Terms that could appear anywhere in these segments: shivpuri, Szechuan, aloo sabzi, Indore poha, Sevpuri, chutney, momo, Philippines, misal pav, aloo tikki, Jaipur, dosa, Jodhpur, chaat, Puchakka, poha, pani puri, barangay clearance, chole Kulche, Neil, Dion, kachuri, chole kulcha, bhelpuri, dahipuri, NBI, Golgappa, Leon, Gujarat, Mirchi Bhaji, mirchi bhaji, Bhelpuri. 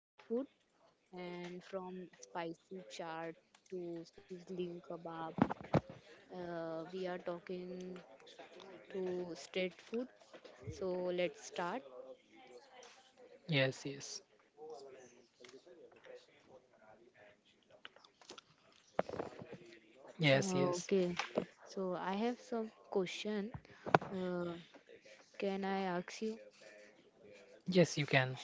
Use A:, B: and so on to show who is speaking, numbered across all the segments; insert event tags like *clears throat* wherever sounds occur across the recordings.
A: street food, and from spicy chaat to sizzling kebab, we are talking to street food. So let's start.
B: Yes, yes, yes, yes,
A: Okay. So I have some question. Uh, can I ask you?
B: yes. You can.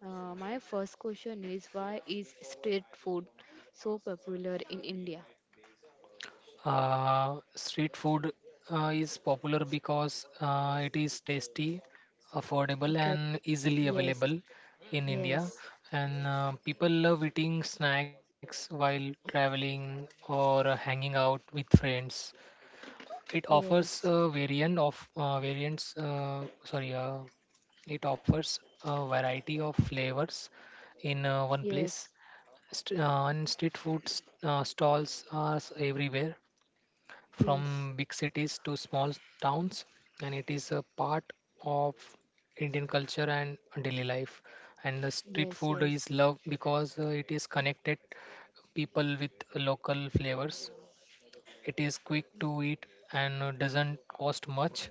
A: My first question is, why is street food so popular in India?
B: Street food is popular because it is tasty, affordable,
A: Okay.
B: and easily
A: Yes.
B: available in India.
A: Yes.
B: And people love eating snacks while traveling or hanging out with friends. It offers
A: Yes.
B: a variant of variants. Sorry, It offers a variety of flavors in one
A: Yes.
B: place. And street food stalls are everywhere,
A: Yes.
B: from big cities to small towns, and it is a part of Indian culture and daily life. And the street
A: Yes.
B: food
A: Yes.
B: is loved because it is connected people with local flavors. It is quick to eat and doesn't cost much.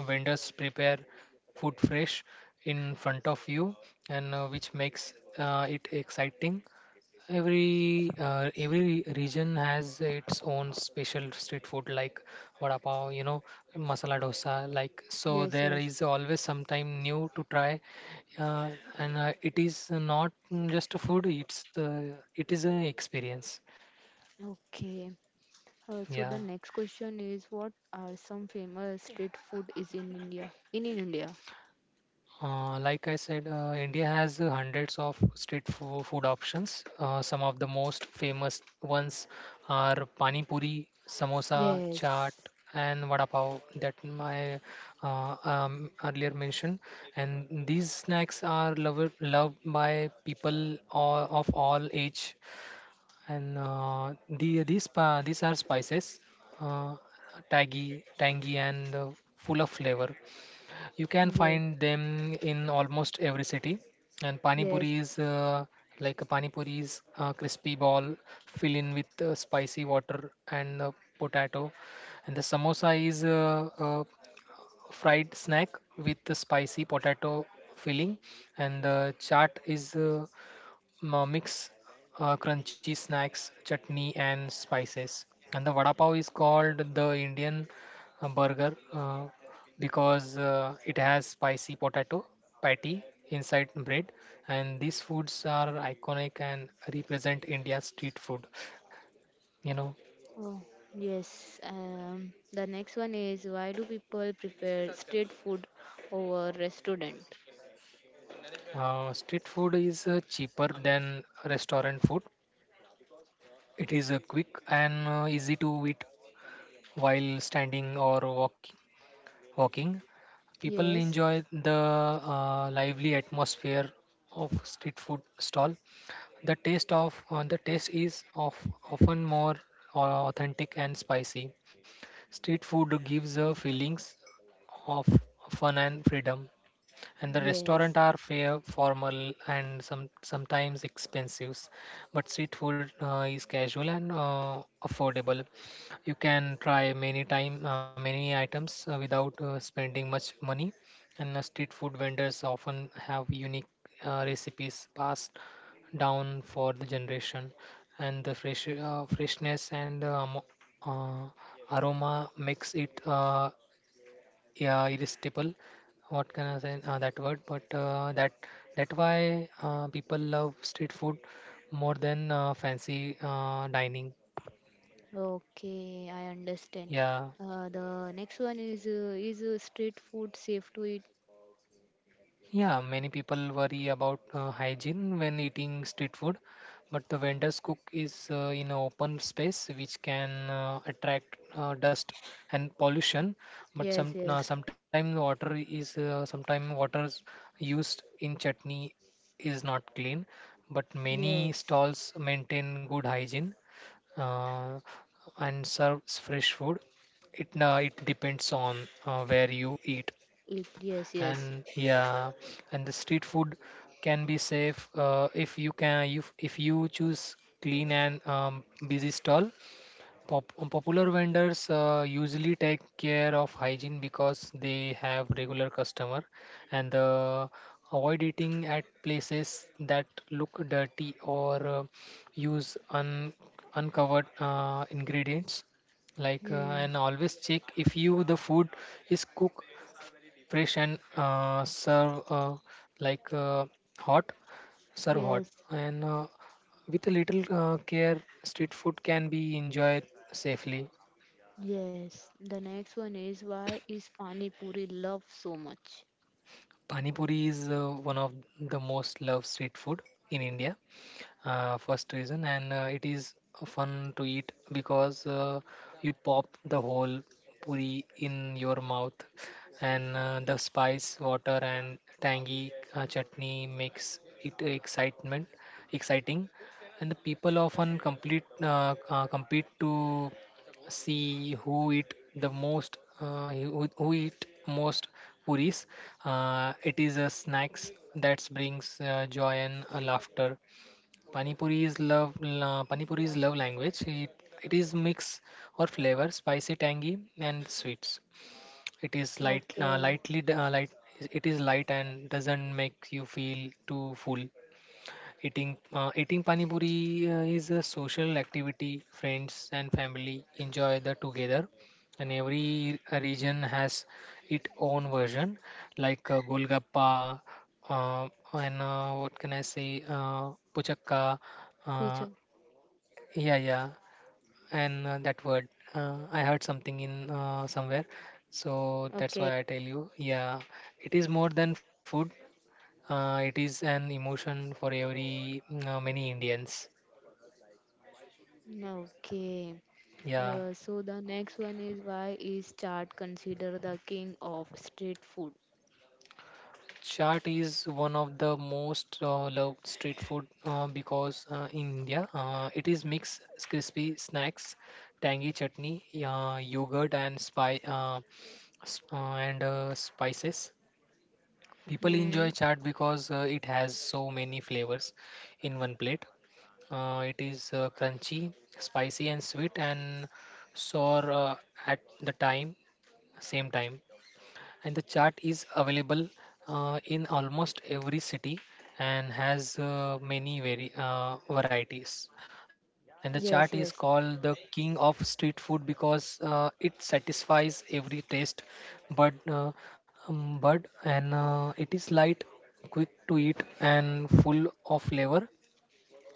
B: Vendors prepare food fresh in front of you, and which makes it exciting. Every every region has its own special street food like vada pav, you know, masala dosa, like, so
A: Yes.
B: there is
A: Yes.
B: always sometime new to try. uh, and it is not just a food, it is an experience.
A: Okay. So
B: Yeah.
A: the next question is, what are some famous street food is in India? In India?
B: Like I said, India has hundreds of street food options. Some of the most famous ones are pani puri, samosa, chaat,
A: Yes.
B: and vada pav that my earlier mentioned. And these snacks are loved by people all, of all age. And the these pa- these are spices, uh, tangy, and full of flavor. You can
A: Yes.
B: find them in almost every city. And pani puri
A: Yes.
B: is like a pani puri is a crispy ball fill in with spicy water and potato. And the samosa is a fried snack with the spicy potato filling. And the chaat is mix crunchy snacks, chutney, and spices. And the vada pav is called the Indian burger because it has spicy potato patty inside bread. And these foods are iconic and represent India's street food. You know,
A: Oh, yes. The next one is, why do people prefer street food over restaurant?
B: Street food is cheaper than restaurant food. It is quick and easy to eat while standing or walking. Walking People
A: Yes,
B: enjoy the lively atmosphere of street food stall. The taste is of often more uh, authentic and spicy. Street food gives feelings of fun and freedom, and the restaurant
A: yes.
B: are fair, formal, and sometimes expensive. But street food is casual and affordable. You can try many items without spending much money. And street food vendors often have unique recipes passed down for the generation, and the freshness and uh, aroma makes it yeah irresistible, what can I say, that word, but that why people love street food more than fancy dining.
A: Okay, I understand.
B: Yeah.
A: The next one is street food safe to eat?
B: Yeah, many people worry about hygiene when eating street food, but the vendors cook is in an open space, which can attract dust and pollution. But
A: Yes, yes,
B: sometimes water used in chutney is not clean, but many
A: yes.
B: stalls maintain good hygiene uh, and serves fresh food. It depends on where you eat.
A: Eat, yes, yes.
B: And yeah, and the street food can be safe if you choose clean and busy stall. Popular vendors usually take care of hygiene because they have regular customer, and avoid eating at places that look dirty or use un uncovered ingredients like,
A: Hmm.
B: and always check if you the food is cooked fresh and serve like hot serve hot,
A: Yes,
B: and with a little care, street food can be enjoyed safely.
A: yes. The next one is, why is pani puri loved so much?
B: Pani puri is one of the most loved street food in India. First reason, and it is fun to eat because you pop the whole puri in your mouth, and the spice water and tangy chutney makes it excitement exciting, and the people often complete compete to see who eat who eat most puris. It is a snacks that brings joy and laughter. Panipuri is love language. It is mix or flavor, spicy, tangy, and sweets. It is light,
A: Okay.
B: lightly, d- light. It is light and doesn't make you feel too full. Eating pani puri is a social activity. Friends and family enjoy the together, and every region has its own version, like Golgappa, and what can I say, Puchakka,
A: Pulchan.
B: uh, yeah, yeah, and that word. I heard something in somewhere, so that's
A: Okay,
B: why I tell you. Yeah, it is more than food. It is an emotion for every many Indians.
A: okay.
B: Yeah,
A: So the next one is, why is chaat considered the king of street food?
B: chaat is one of the most loved street food because in India it is mixed crispy snacks, tangy chutney, yogurt and s- uh, spices. People enjoy
A: Hmm.
B: chaat because it has so many flavors in one plate. It is crunchy, spicy and sweet and sour, at the time same time. And the chart is available in almost every city and has varieties. And the chart is
A: Yes,
B: called
A: yes.
B: the king of street food because it satisfies every taste, but uh, but and it is light, quick to eat and full of flavor,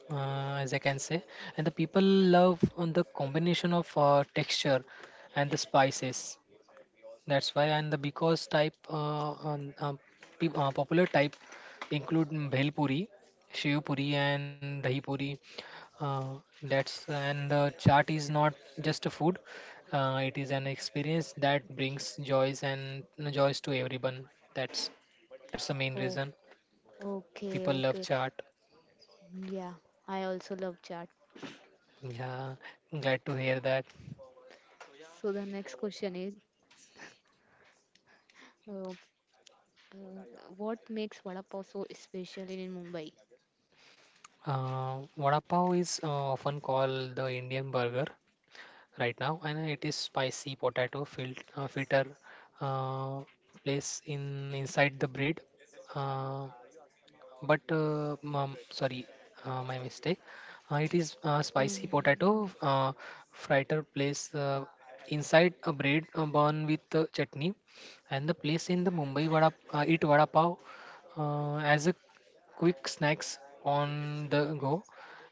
B: as I can say. And the people love on the combination of texture and the spices. That's why. And the because type, on- peop- Popular type include bhelpuri, shivpuri, and dahipuri. Uh, that's and the chart is not just a food; it is an experience that brings joys and joys to everyone. That's that's the main
A: Oh,
B: reason
A: okay,
B: people love
A: okay.
B: chaat.
A: Yeah, I also love chaat.
B: Yeah, glad to hear
A: So
B: that.
A: the next question is, uh, uh, what makes vada pav so special in Mumbai?
B: Vada pav is often called the Indian burger right now, and it is spicy potato filter uh, place in inside the bread. Uh, but Sorry, my mistake. It is spicy potato
A: Um.
B: fritter place inside a bread bun with chutney, and the place in the Mumbai vada pav as a quick snacks on the go,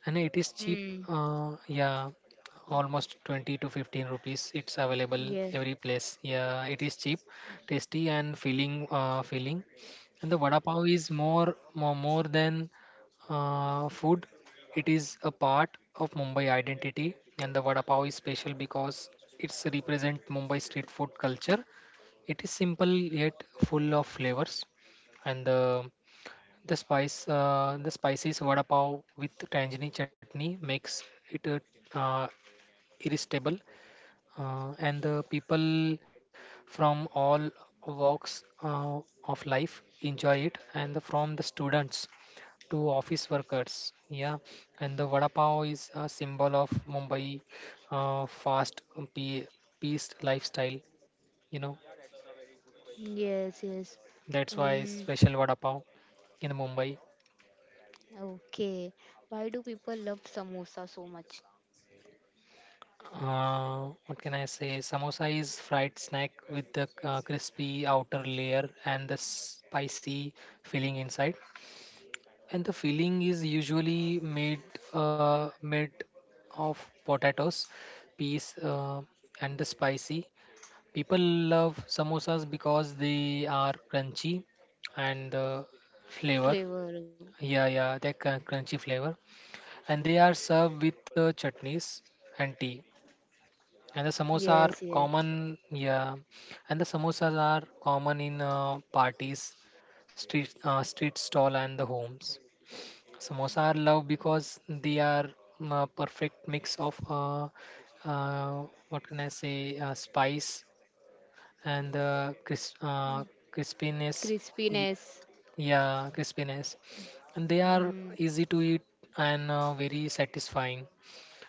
B: and it is cheap.
A: Hmm.
B: Yeah, almost 20 to 15 rupees. It's available
A: Yes,
B: every place. Yeah, it is cheap, tasty, and filling. Filling. And the vada pav is more than food. It is a part of Mumbai identity, and the vada pav is special because it's represent Mumbai street food culture. It is simple yet full of flavors, and the spices vada pav with tangerine chutney makes it uh, irresistible. And the people from all walks of life enjoy it, and the, from the students to office workers. Yeah, and the vada pav is a symbol of Mumbai, fast, peace lifestyle, you know.
A: yes, yes.
B: That's why
A: Um.
B: special vada pav in Mumbai.
A: Okay. Why do people love samosa so much?
B: What can I say? Samosa is fried snack with the crispy outer layer and the spicy filling inside, and the filling is usually made of potatoes, peas, and the spicy. People love samosas because they are crunchy and the flavor.
A: Flavor.
B: Yeah, yeah, they crunchy flavor, and they are served with chutneys and tea, and the samosa are
A: Yes, yes.
B: common. Yeah, and the samosas are common in parties street street stall and the homes. Samosa are loved because they are a perfect mix of what can I say, spice and the crispiness. y-
A: Crispiness.
B: Yeah, crispiness, and they are
A: Mm,
B: easy to eat and very satisfying.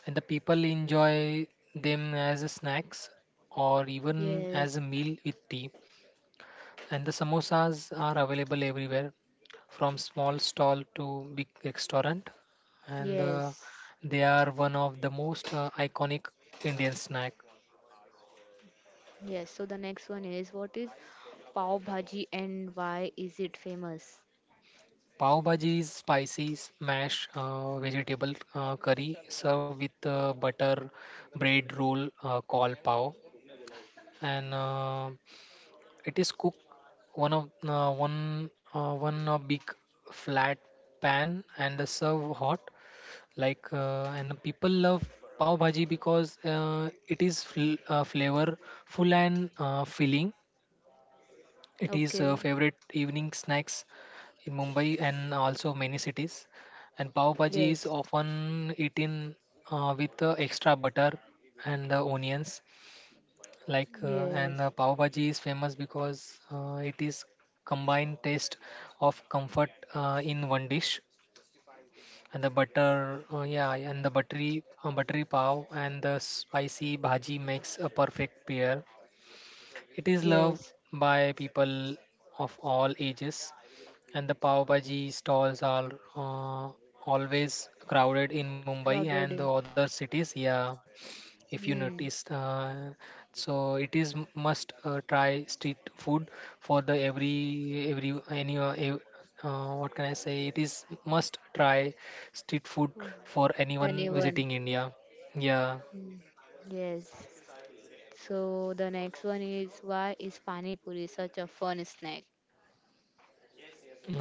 B: And the people enjoy them as a snacks or even as a
A: yes,
B: meal with tea. And the samosas are available everywhere, from small stall to big restaurant. And
A: yes,
B: They are one of the most iconic Indian snack.
A: yes. So the next one is, what is pav bhaji and why is it famous?
B: Pav bhaji is spicy, mash, vegetable curry served with butter bread roll called pav, and it is cooked one of one one big flat pan and served hot like and people love pav bhaji because it is flavorful and filling. It is
A: Okay.
B: favorite evening snacks in Mumbai and also many cities, and pav bhaji is
A: Yes,
B: often eaten with extra butter and the onions, like and
A: yes,
B: pav bhaji is famous because it is combined taste of comfort in one dish, and the butter yeah, and the buttery pav and the spicy bhaji makes a perfect pair. It is loved
A: yes.
B: by people of all ages, and the pav bhaji stalls are uh, always crowded in Mumbai
A: Crowded.
B: and the other cities, yeah. If you notice,
A: Hmm.
B: so it is must try street food for the every any ev- what can I say, it is must try street food for anyone
A: Anyone.
B: visiting India, yeah.
A: Hmm. Yes. So the next one is, why is pani puri such a fun snack?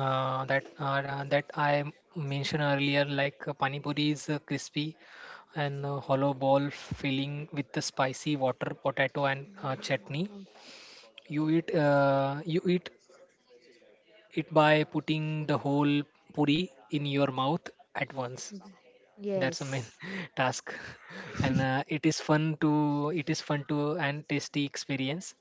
B: That I mentioned earlier, like, pani puri is crispy and hollow ball filling with the spicy water, potato, and chutney. You eat it by putting the whole puri in your mouth at once. That's the main
A: Yes.
B: *laughs* task. *laughs* And it is fun to and tasty experience.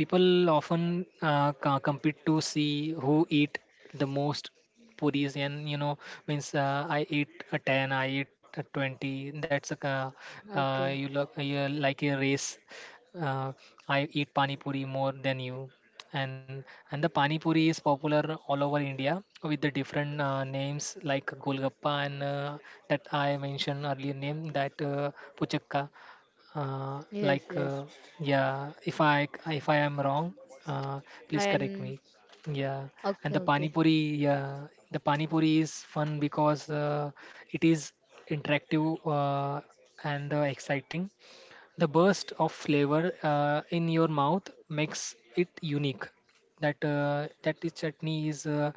B: People often compete to see who eat the most puris, and means I eat a 10, I eat a 20.
A: Okay.
B: You like a race. Uh, I eat pani puri more than you, and the pani puri is popular all over India with the different names like Golgappa, and that I mentioned earlier name that Puchakka.
A: Yes,
B: Like,
A: yes.
B: yeah, if I am wrong, uh, please correct
A: And
B: me. Yeah, and
A: okay,
B: the pani
A: okay.
B: puri, yeah, the pani puri is fun because it is interactive, and exciting. The burst of flavor in your mouth makes it unique. That is chutney is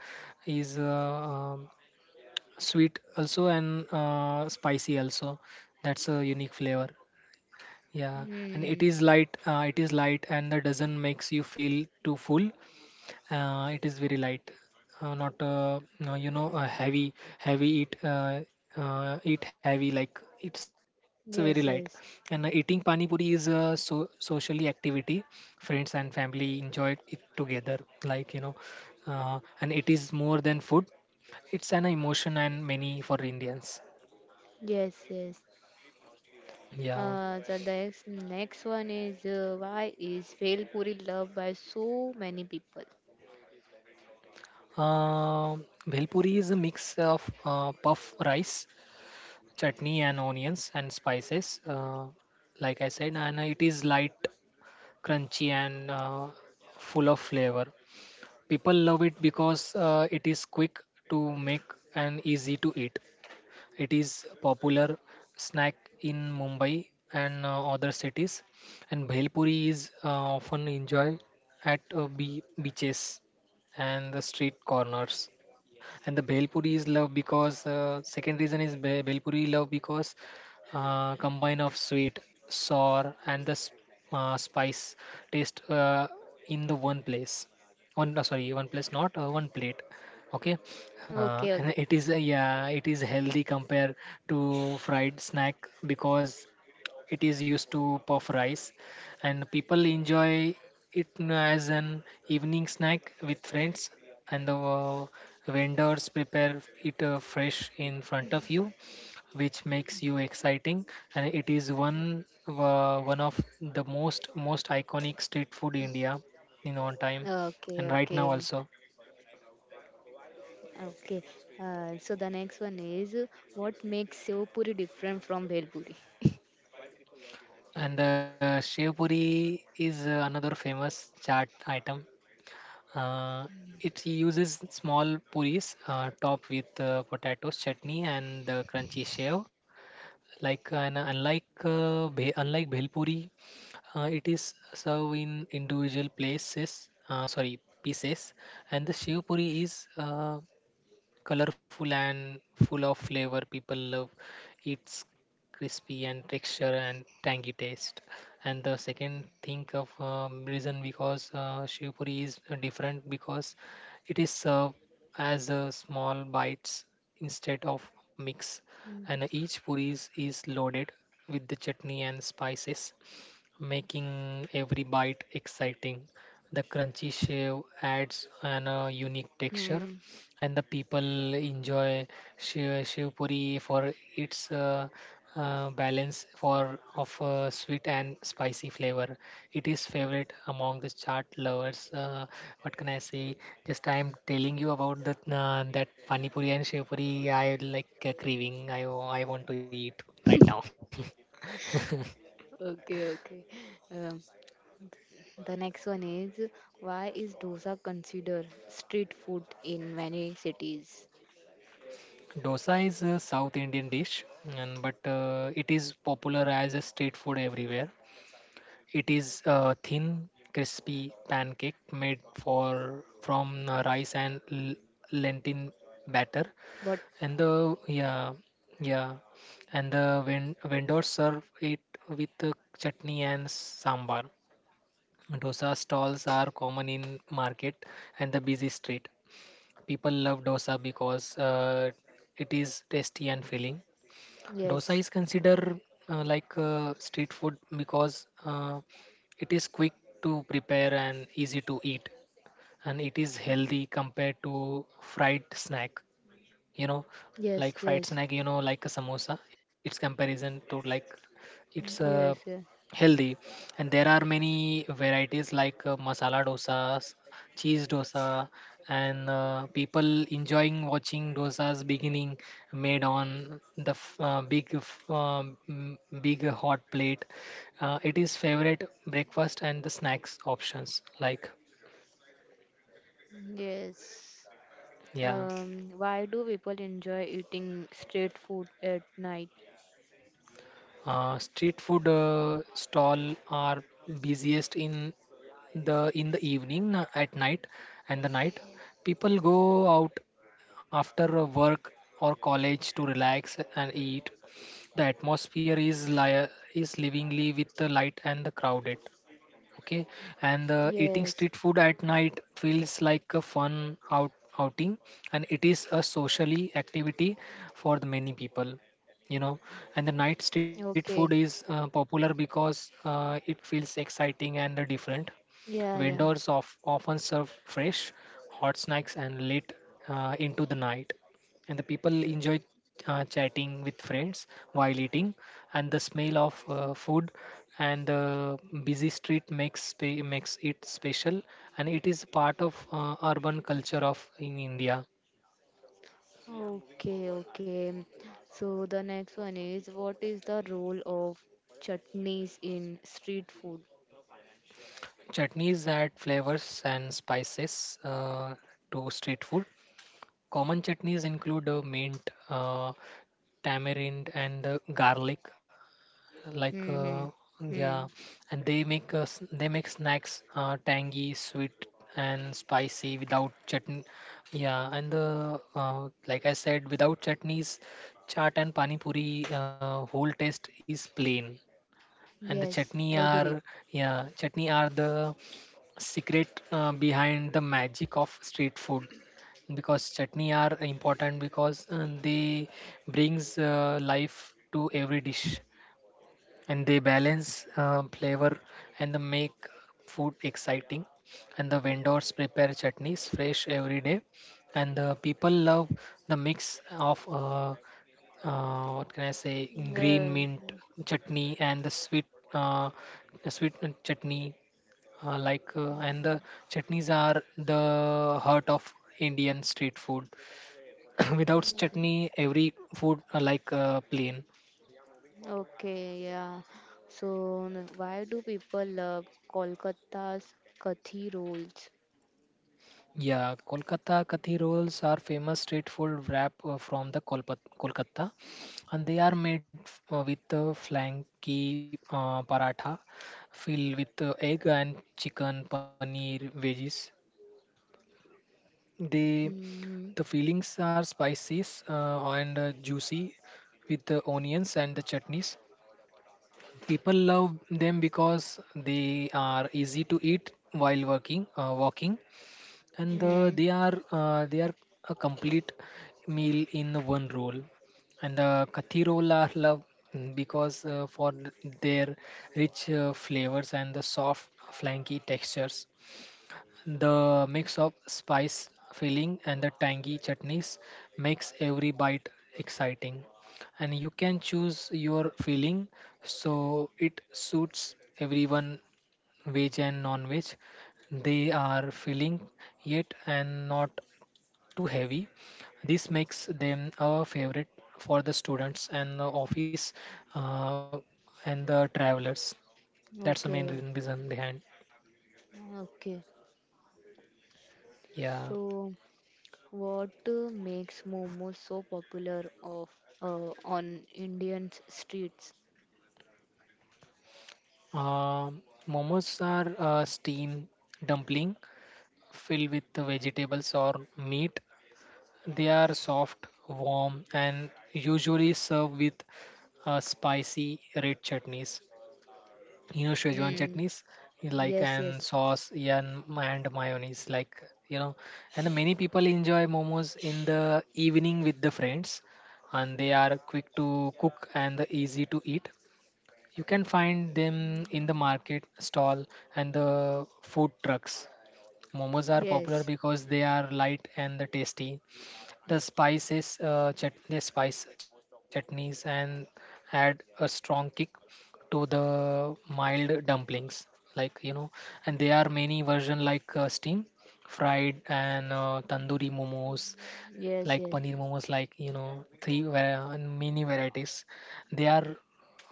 B: is uh, um, sweet also and spicy also. That's a unique flavor. Yeah, and it is
A: Hmm.
B: light. It is light, and that doesn't makes you feel too full. It is very light, not no, heavy. Heavy eat eat heavy, like, it's very light.
A: Yes,
B: And
A: yes.
B: eating pani puri is a socially activity. Friends and family enjoy it together. Like, and it is more than food. It's an emotion and many for Indians.
A: Yes, yes.
B: Yeah.
A: So the next one is, why is Bhelpuri loved by so many people?
B: Bhelpuri is a mix of puff rice, chutney, and onions and spices. Like I said, and it is light, crunchy, and full of flavor. People love it because it is quick to make and easy to eat. It is popular snack in Mumbai and other cities, and bhelpuri is often enjoyed at beaches and the street corners, and the bhelpuri is loved because second reason is bhelpuri love because combine of sweet sour and the spice taste in the one place, one, sorry, one place, not one plate, okay.
A: Okay, okay.
B: And it is yeah, it is healthy compared to fried snack because it is used to puff rice, and people enjoy it as an evening snack with friends, and the vendors prepare it fresh in front of you, which makes you exciting, and it is one of the most iconic street food India in on time, and
A: Okay,
B: right now
A: okay.
B: also.
A: Okay. So the next one is, what makes Sevpuri different from Bhelpuri?
B: And the shev puri is another famous chaat item. Uh, it uses small puris topped with potatoes, chutney, and the crunchy shell. Unlike bhelpuri, it is served in individual places. Sorry, pieces, and the shiv puri is colorful and full of flavor. People love its crispy and texture and tangy taste. And the second thing of reason, because Shiv Puri is different because it is served as small bites instead of mix,
A: Hmm.
B: and each puris is loaded with the chutney and spices, making every bite exciting. The crunchy shave adds an unique texture,
A: Hmm.
B: and the people enjoy shiv puri for its balance for of sweet and spicy flavor. It is favorite among the chaat lovers. What can I say? Just I am telling you about that pani puri and shiv puri. I like craving. I want to eat right now. *laughs*
A: Okay, okay. Um, the next one is, why is dosa considered street food in many cities?
B: Dosa is a South Indian dish, and but it is popular as a street food everywhere. It is a thin, crispy pancake made for from rice and lentil batter,
A: But
B: and the yeah, yeah, and the vendors serve it with chutney and sambar. Dosa stalls are common in market and the busy street. People love dosa because it is tasty and filling. Dosa is
A: yes,
B: considered like street food because it is quick to prepare and easy to eat, and it is healthy compared to fried snack, you know
A: yes,
B: like
A: yes,
B: fried snack, like a samosa, its comparison to, like, it's
A: mm, yes, yeah,
B: healthy, and there are many varieties like masala dosas, cheese dosa, and people enjoying watching dosas beginning made on the big hot plate. It is favorite breakfast and the snacks options, like,
A: yes.
B: yeah.
A: Why do people enjoy eating street food at night?
B: Street food stall are busiest in the evening, at night, and the night people go out after a work or college to relax and eat. The atmosphere is is livingly with the light and the crowded, okay, and eating
A: Yes.
B: street food at night feels like a fun outing and it is a socially activity for the many people, you know and the night street food
A: Okay.
B: is popular because it feels exciting and different.
A: Yeah, yeah.
B: Vendors of, often serve fresh hot snacks and late into the night, and the people enjoy chatting with friends while eating, and the smell of food and the busy street makes it special, and it is part of urban culture of in India.
A: Okay, okay. So the next one is, what is the role of chutneys in street food?
B: Chutneys add flavors and spices to street food. Common chutneys include mint, tamarind, and garlic, like
A: Hmm.
B: uh,
A: Hmm.
B: yeah,
A: Hmm.
B: and they make snacks tangy sweet and spicy without chutney, yeah, and the like I said, without chutneys, chaat and pani puri whole taste is plain, and the
A: Yes,
B: chutney
A: I
B: are,
A: agree.
B: yeah, chutney are the secret behind the magic of street food, because chutney are important because they brings life to every dish, and they balance flavor and they make food exciting, and the vendors prepare chutneys fresh every day, and the people love the mix of what can I say, green
A: The,
B: mint chutney and the uh, sweet chutney, like, and the chutneys are the heart of Indian street food. *coughs* *clears throat* Without
A: mm,
B: chutney every food like, plain.
A: okay, yeah. So, n- why do people love Kolkata's Kathi rolls?
B: Yeah, Kolkata Kathi rolls are famous street food wrap from the Kolpat Kolkata, and they are made with flaky paratha filled with egg and chicken, paneer, veggies. They
A: Mm,
B: the fillings are spicy, and juicy with the onions and the chutneys. People love them because they are easy to eat while working, walking, and
A: mm,
B: they are a complete meal in one roll, and the kathi roll are loved because for their rich flavors and the soft flanky textures. The mix of spice filling and the tangy chutneys makes every bite exciting, and you can choose your filling so it suits everyone, veg and non-veg. They are filling yet and not too heavy. This makes them a favorite for the students and the office, uh, and the travelers. That's the main
A: okay,
B: reason behind.
A: okay.
B: Yeah.
A: So, what makes momos so popular of on Indian streets?
B: Um Momos are steamed dumpling filled with the vegetables or meat. They are soft, warm, and usually served with spicy red chutneys, Szechuan
A: Mm,
B: chutneys, like,
A: yes, yes,
B: and sauce, yeah, and mayonnaise, like, you know and many people enjoy momos in the evening with the friends, and they are quick to cook and the easy to eat. You can find them in the market stall and the food trucks. Momos are popular
A: yes,
B: because they are light and the tasty. The spices, they spice chutneys and add a strong kick to the mild dumplings. Like, and there are many version like steam, fried, and tandoori momos,
A: yes,
B: like
A: yes.
B: paneer momos, like, and many varieties. They are,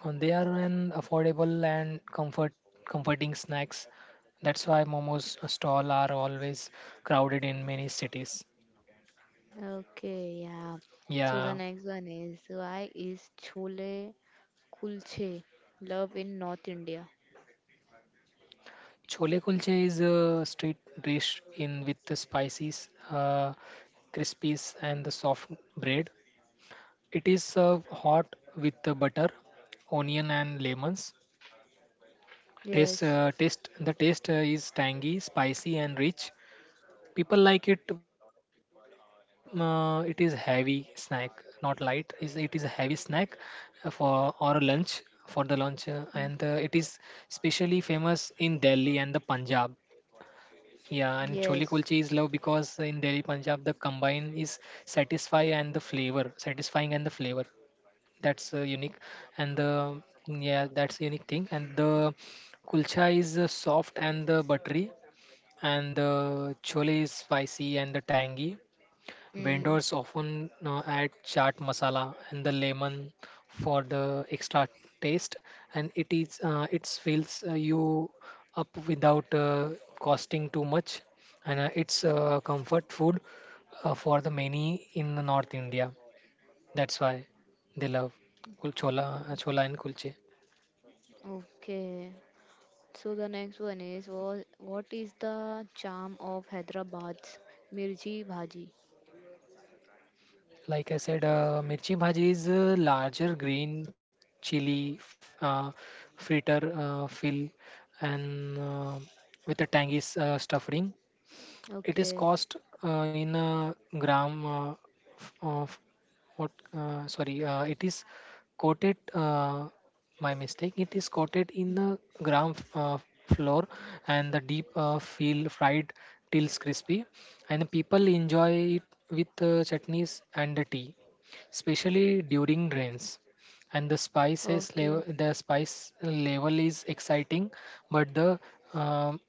B: and they are an affordable and comforting snacks. That's why momos stall are always crowded in many cities.
A: Okay, yeah. So the
B: Yeah.
A: next one is, why is chole Kulche love in North India?
B: Chole kulcha is a street dish in with the spices, crispies, and the soft bread. It is served hot with the butter, onion, and lemons. Taste,
A: Yes.
B: taste. The taste is tangy, spicy, and rich. People like it. It is heavy snack, not light. Is It is a heavy snack uh, for or lunch for the lunch, and it is
A: Mm,
B: specially famous in Delhi and the Punjab. Yeah, and chole kulche is
A: yes.
B: love because in Delhi, Punjab, the combine is satisfy and the flavor, satisfying and the flavor. That's unique, and the, yeah, that's unique thing. And the kulcha is soft and the buttery, and the chole is spicy and the tangy.
A: Mm,
B: Vendors often add chaat masala and the lemon for the extra taste, and it fills you up without costing too much, and it's comfort food for the many in the North India. That's why they love chola and kulche.
A: okay. So the next one is, what is the charm of Hyderabad's Mirchi Bhaji?
B: Like I said, mirchi bhaji is a larger green chili fritter fill and with a tangy stuffing. It is
A: Okay.
B: cost in a gram. Of what sorry, it is coated my mistake, it is coated in the gram flour and the deep feel fried till crispy, and people enjoy it with chutneys and the tea, especially during rains, and
A: Okay.
B: the spice level is exciting, but the um,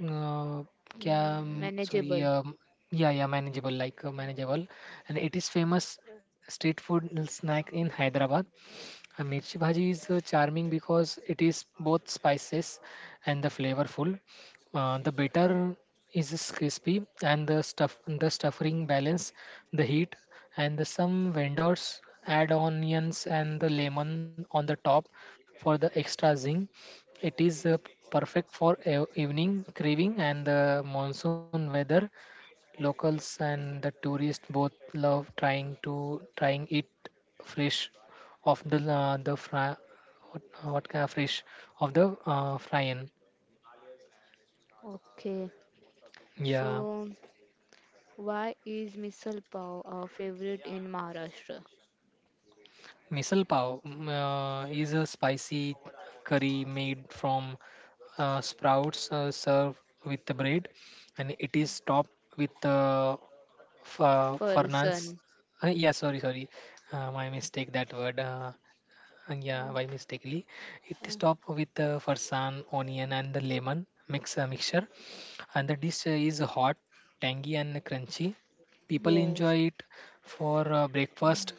B: uh,
A: Mm,
B: क्या-, sorry
A: manageable.
B: um, yeah, manageable, like, manageable, and it is famous street food snack in Hyderabad. And mirchi bhaji is charming because it is both spices and the flavorful. The batter is crispy, and the stuffing balance the heat, and the, some vendors add onions and the lemon on the top for the extra zing. It is perfect for evening craving and the monsoon weather. Locals and the tourists both love trying it fresh of the fry, what kind of fresh of the fryan.
A: Okay.
B: Yeah,
A: So why is misal pav our favorite in Maharashtra?
B: misal pav, is a spicy curry made from sprouts, served with the bread, and it is topped with farnans.
A: Person.
B: Yeah, sorry, sorry, my mistake. That word. Yeah,
A: Uh,
B: by mistakenly, it
A: uh,
B: is topped with farsan, onion, and the lemon mixture, and the dish is hot, tangy, and crunchy. People enjoy
A: yes.
B: it for breakfast,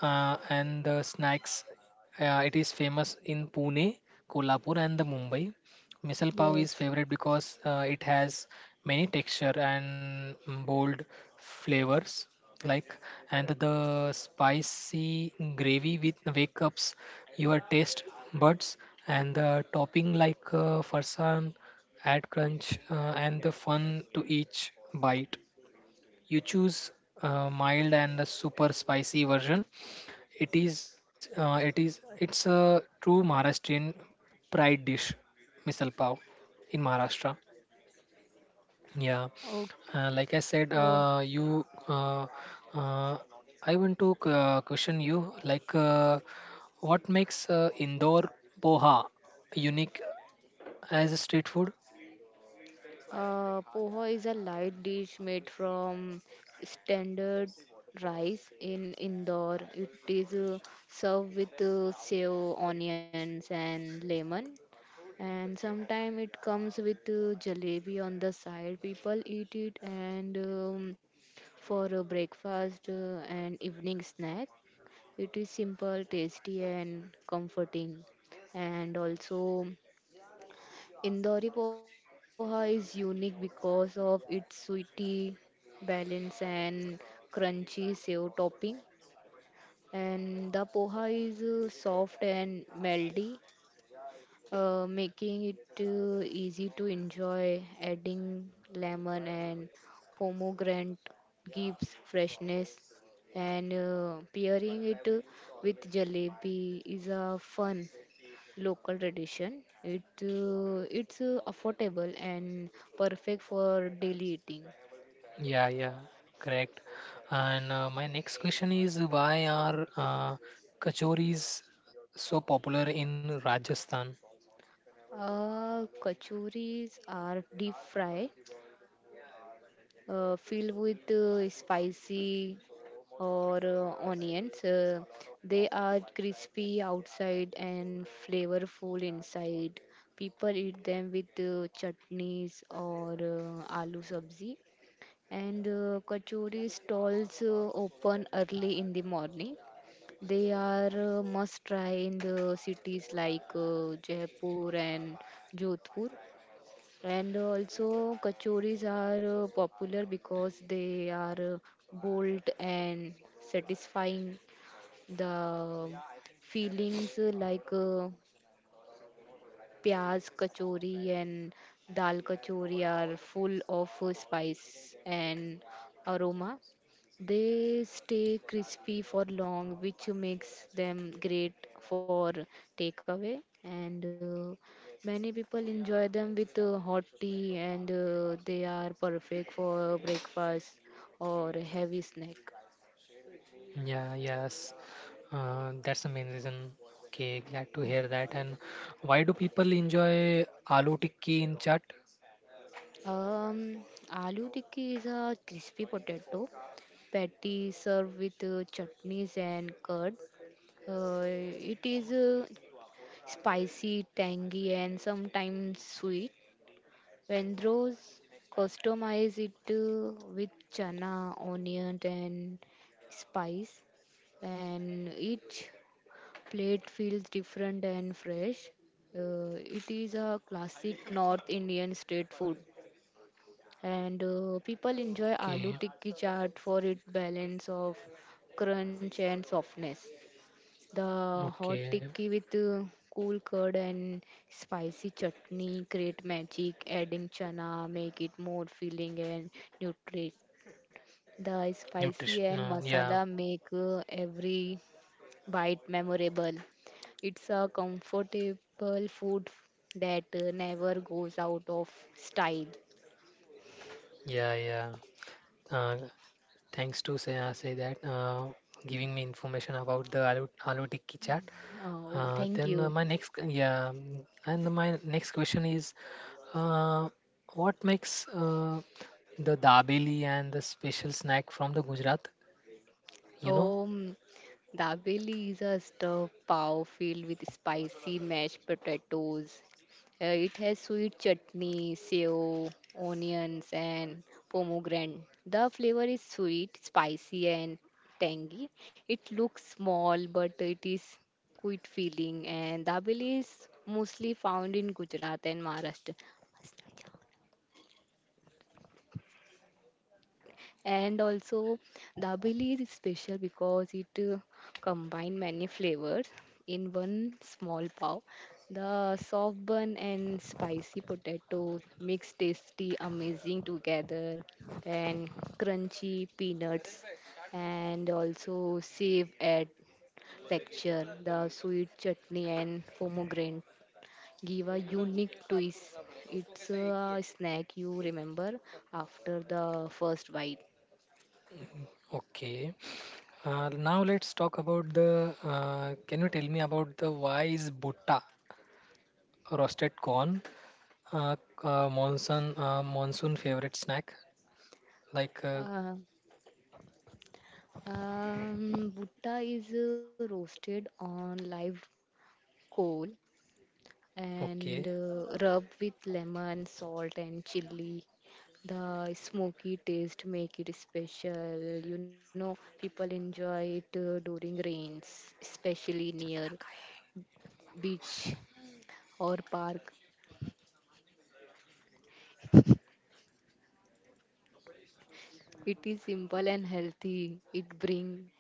B: and the snacks. It is famous in Pune, Kolhapur, and the Mumbai. Misal pav is
A: Yes.
B: favorite because it has many texture and bold flavors, like, and the spicy gravy with wake ups your taste buds, and the topping like farsan add crunch and the fun to each bite. You choose mild and the super spicy version. It's a true Maharashtrian pride dish, misal pav, in Maharashtra. Yeah,
A: Oh,
B: like I said, uh, I want to question you, like, what makes Indore poha unique as a street food?
A: Poha is a light dish made from standard rice in Indore. It is served with sev, onions, and lemon. And sometimes it comes with jalebi on the side. People eat it and for breakfast and evening snack. It is simple, tasty, and comforting. And also, Indori poha is unique because of its sweety balance and crunchy sev topping. And the poha is soft and melty, making it easy to enjoy. Adding lemon and pomegranate gives freshness. And pairing it with jalebi is a fun local tradition. It it's affordable and perfect for daily eating.
B: Yeah, yeah, correct. And my next question is, why are kachoris so popular in Rajasthan?
A: Kachuris are deep fry, filled with spicy or onions. They are crispy outside and flavorful inside. People eat them with chutneys or aloo sabzi. And kachori stalls open early in the morning. They are must try in the cities like Jaipur and Jodhpur. And also, kachoris are popular because they are bold and satisfying. The feelings pyaz kachori and dal kachori are full of spice and aroma. They stay crispy for long, which makes them great for takeaway. And many people enjoy them with hot tea, and they are perfect for breakfast or a heavy snack.
B: Yeah, yes. That's the main reason. Okay, glad to hear that. And why do people enjoy aloo tikki in chaat?
A: Um, aloo tikki is a crispy potato patty served with chutneys and curd. It is spicy, tangy, and sometimes sweet. When those customize it with chana, onion, and spice, and each plate feels different and fresh. It is a classic North Indian street food, and people enjoy aloo
B: Okay,
A: tikki chaat for its balance of crunch and softness. The hot
B: okay.
A: tikki with cool curd and spicy chutney create magic. Adding chana make it more filling and nutritious. The
B: Nutrition.
A: spicy and
B: Yeah,
A: masala make every bite memorable. It's a comfortable food that never goes out of style.
B: yeah, yeah. Uh, Thanks to say, say that. Giving me information about the aloo tikki chaat.
A: Oh, thank
B: Then
A: you.
B: my next, yeah, and my next question is, uh, what makes the dabeli and the special snack from the Gujarat? You know?
A: Um, Dabeli is a stuffed pav filled with spicy mashed potatoes. It has sweet chutney, sev, onions, and pomegranate. The flavor is sweet, spicy, and tangy. It looks small, but it is quite filling. And dabeli is mostly found in Gujarat and Maharashtra. And also the is special because it combine many flavors in one small pav. The soft bun and spicy potato mix tasty amazing together, and crunchy peanuts and also save add texture. The sweet chutney and pomegranate give a unique twist. It's a snack you remember after the first bite.
B: Okay. Now let's talk about the. Can you tell me about the why is butta roasted corn uh, monsoon favorite snack? Like,
A: Uh, Bhutta is roasted on live coal
B: okay.
A: and rubbed with lemon, salt, and chili. The smoky taste make it special. You know, people enjoy it during rains, especially near beach or park. It is simple and healthy. It bring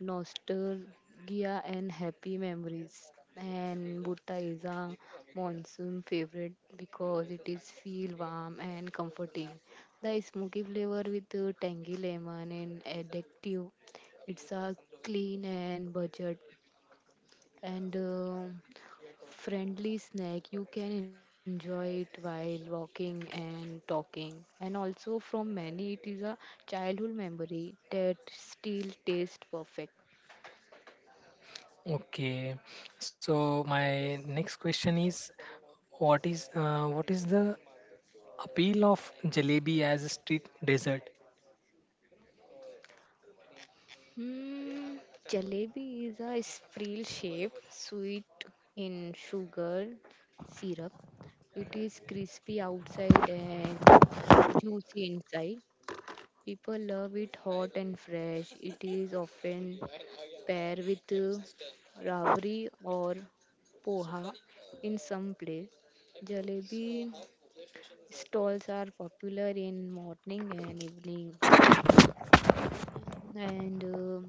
A: nostalgia and happy memories. And Bhutta is a monsoon favorite because it is feel warm and comforting. The smoky flavor with the tangy lemon and addictive. It's a clean and budget and friendly snack. You can enjoy it while walking and talking. And also from many, it is a childhood memory that still tastes perfect.
B: Okay, so my next question is, what is what is the appeal of jalebi as a street dessert?
A: Hmm, jalebi is a spiral shape, sweet in sugar syrup. It is crispy outside and juicy inside. People love it hot and fresh. It is often paired with rabri or poha in some place. Jalebi stalls are popular in morning and evening. Mm. And um,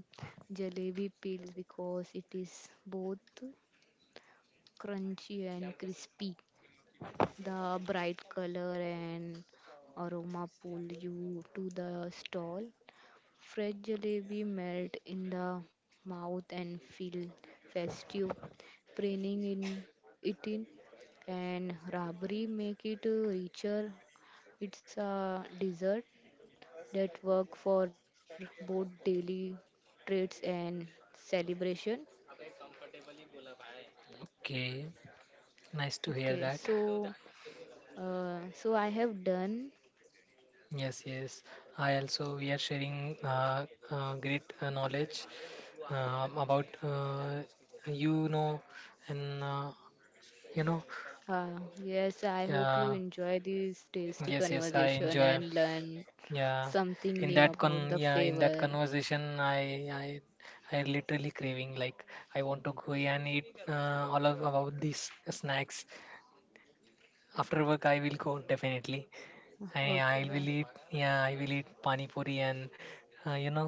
A: jalebi peels because it is both crunchy and crispy. The bright color and aroma pull you to the stall. Fresh jalebi melt in the mouth and feel festive, preening in eating and rabri make it richer. It's a dessert that work for both daily trades and celebration.
B: Okay, nice to hear
A: Okay,
B: that.
A: so so I have done.
B: Yes, yes. I also we are sharing great knowledge about you know, and you know,
A: Yes, I hope you
B: yeah.
A: enjoy this tasty
B: Yes, yes, I
A: conversation
B: enjoy,
A: and learn
B: yeah.
A: something new about the
B: In that
A: flavor.
B: conversation, I literally craving, like, I want to go and eat all of about these snacks after work. I will go, definitely. I
A: Okay,
B: will
A: yeah.
B: eat, yeah, I will eat pani puri and you know,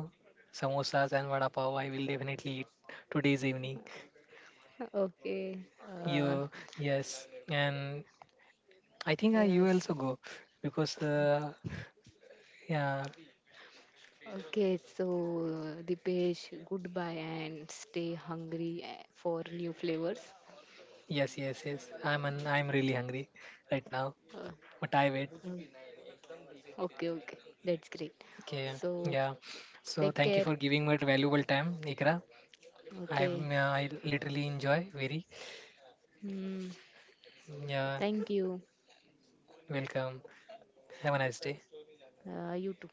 B: samosas and vada pav. I will definitely eat today's evening.
A: Okay.
B: You, yes, and I think I you
A: Yes.
B: also go, because yeah.
A: Okay, so Dipesh, goodbye and stay hungry, eh, for new flavors.
B: Yes, yes, yes, I'm really hungry right now,
A: Uh,
B: but I wait.
A: uh, Okay, okay. That's great.
B: Okay,
A: So,
B: yeah. So
A: take
B: thank
A: care.
B: you for giving me valuable time, Ikra. I
A: Okay.
B: uh, I literally enjoy very,
A: Hmm.
B: yeah.
A: Thank you.
B: Welcome. Have a nice day.
A: You too.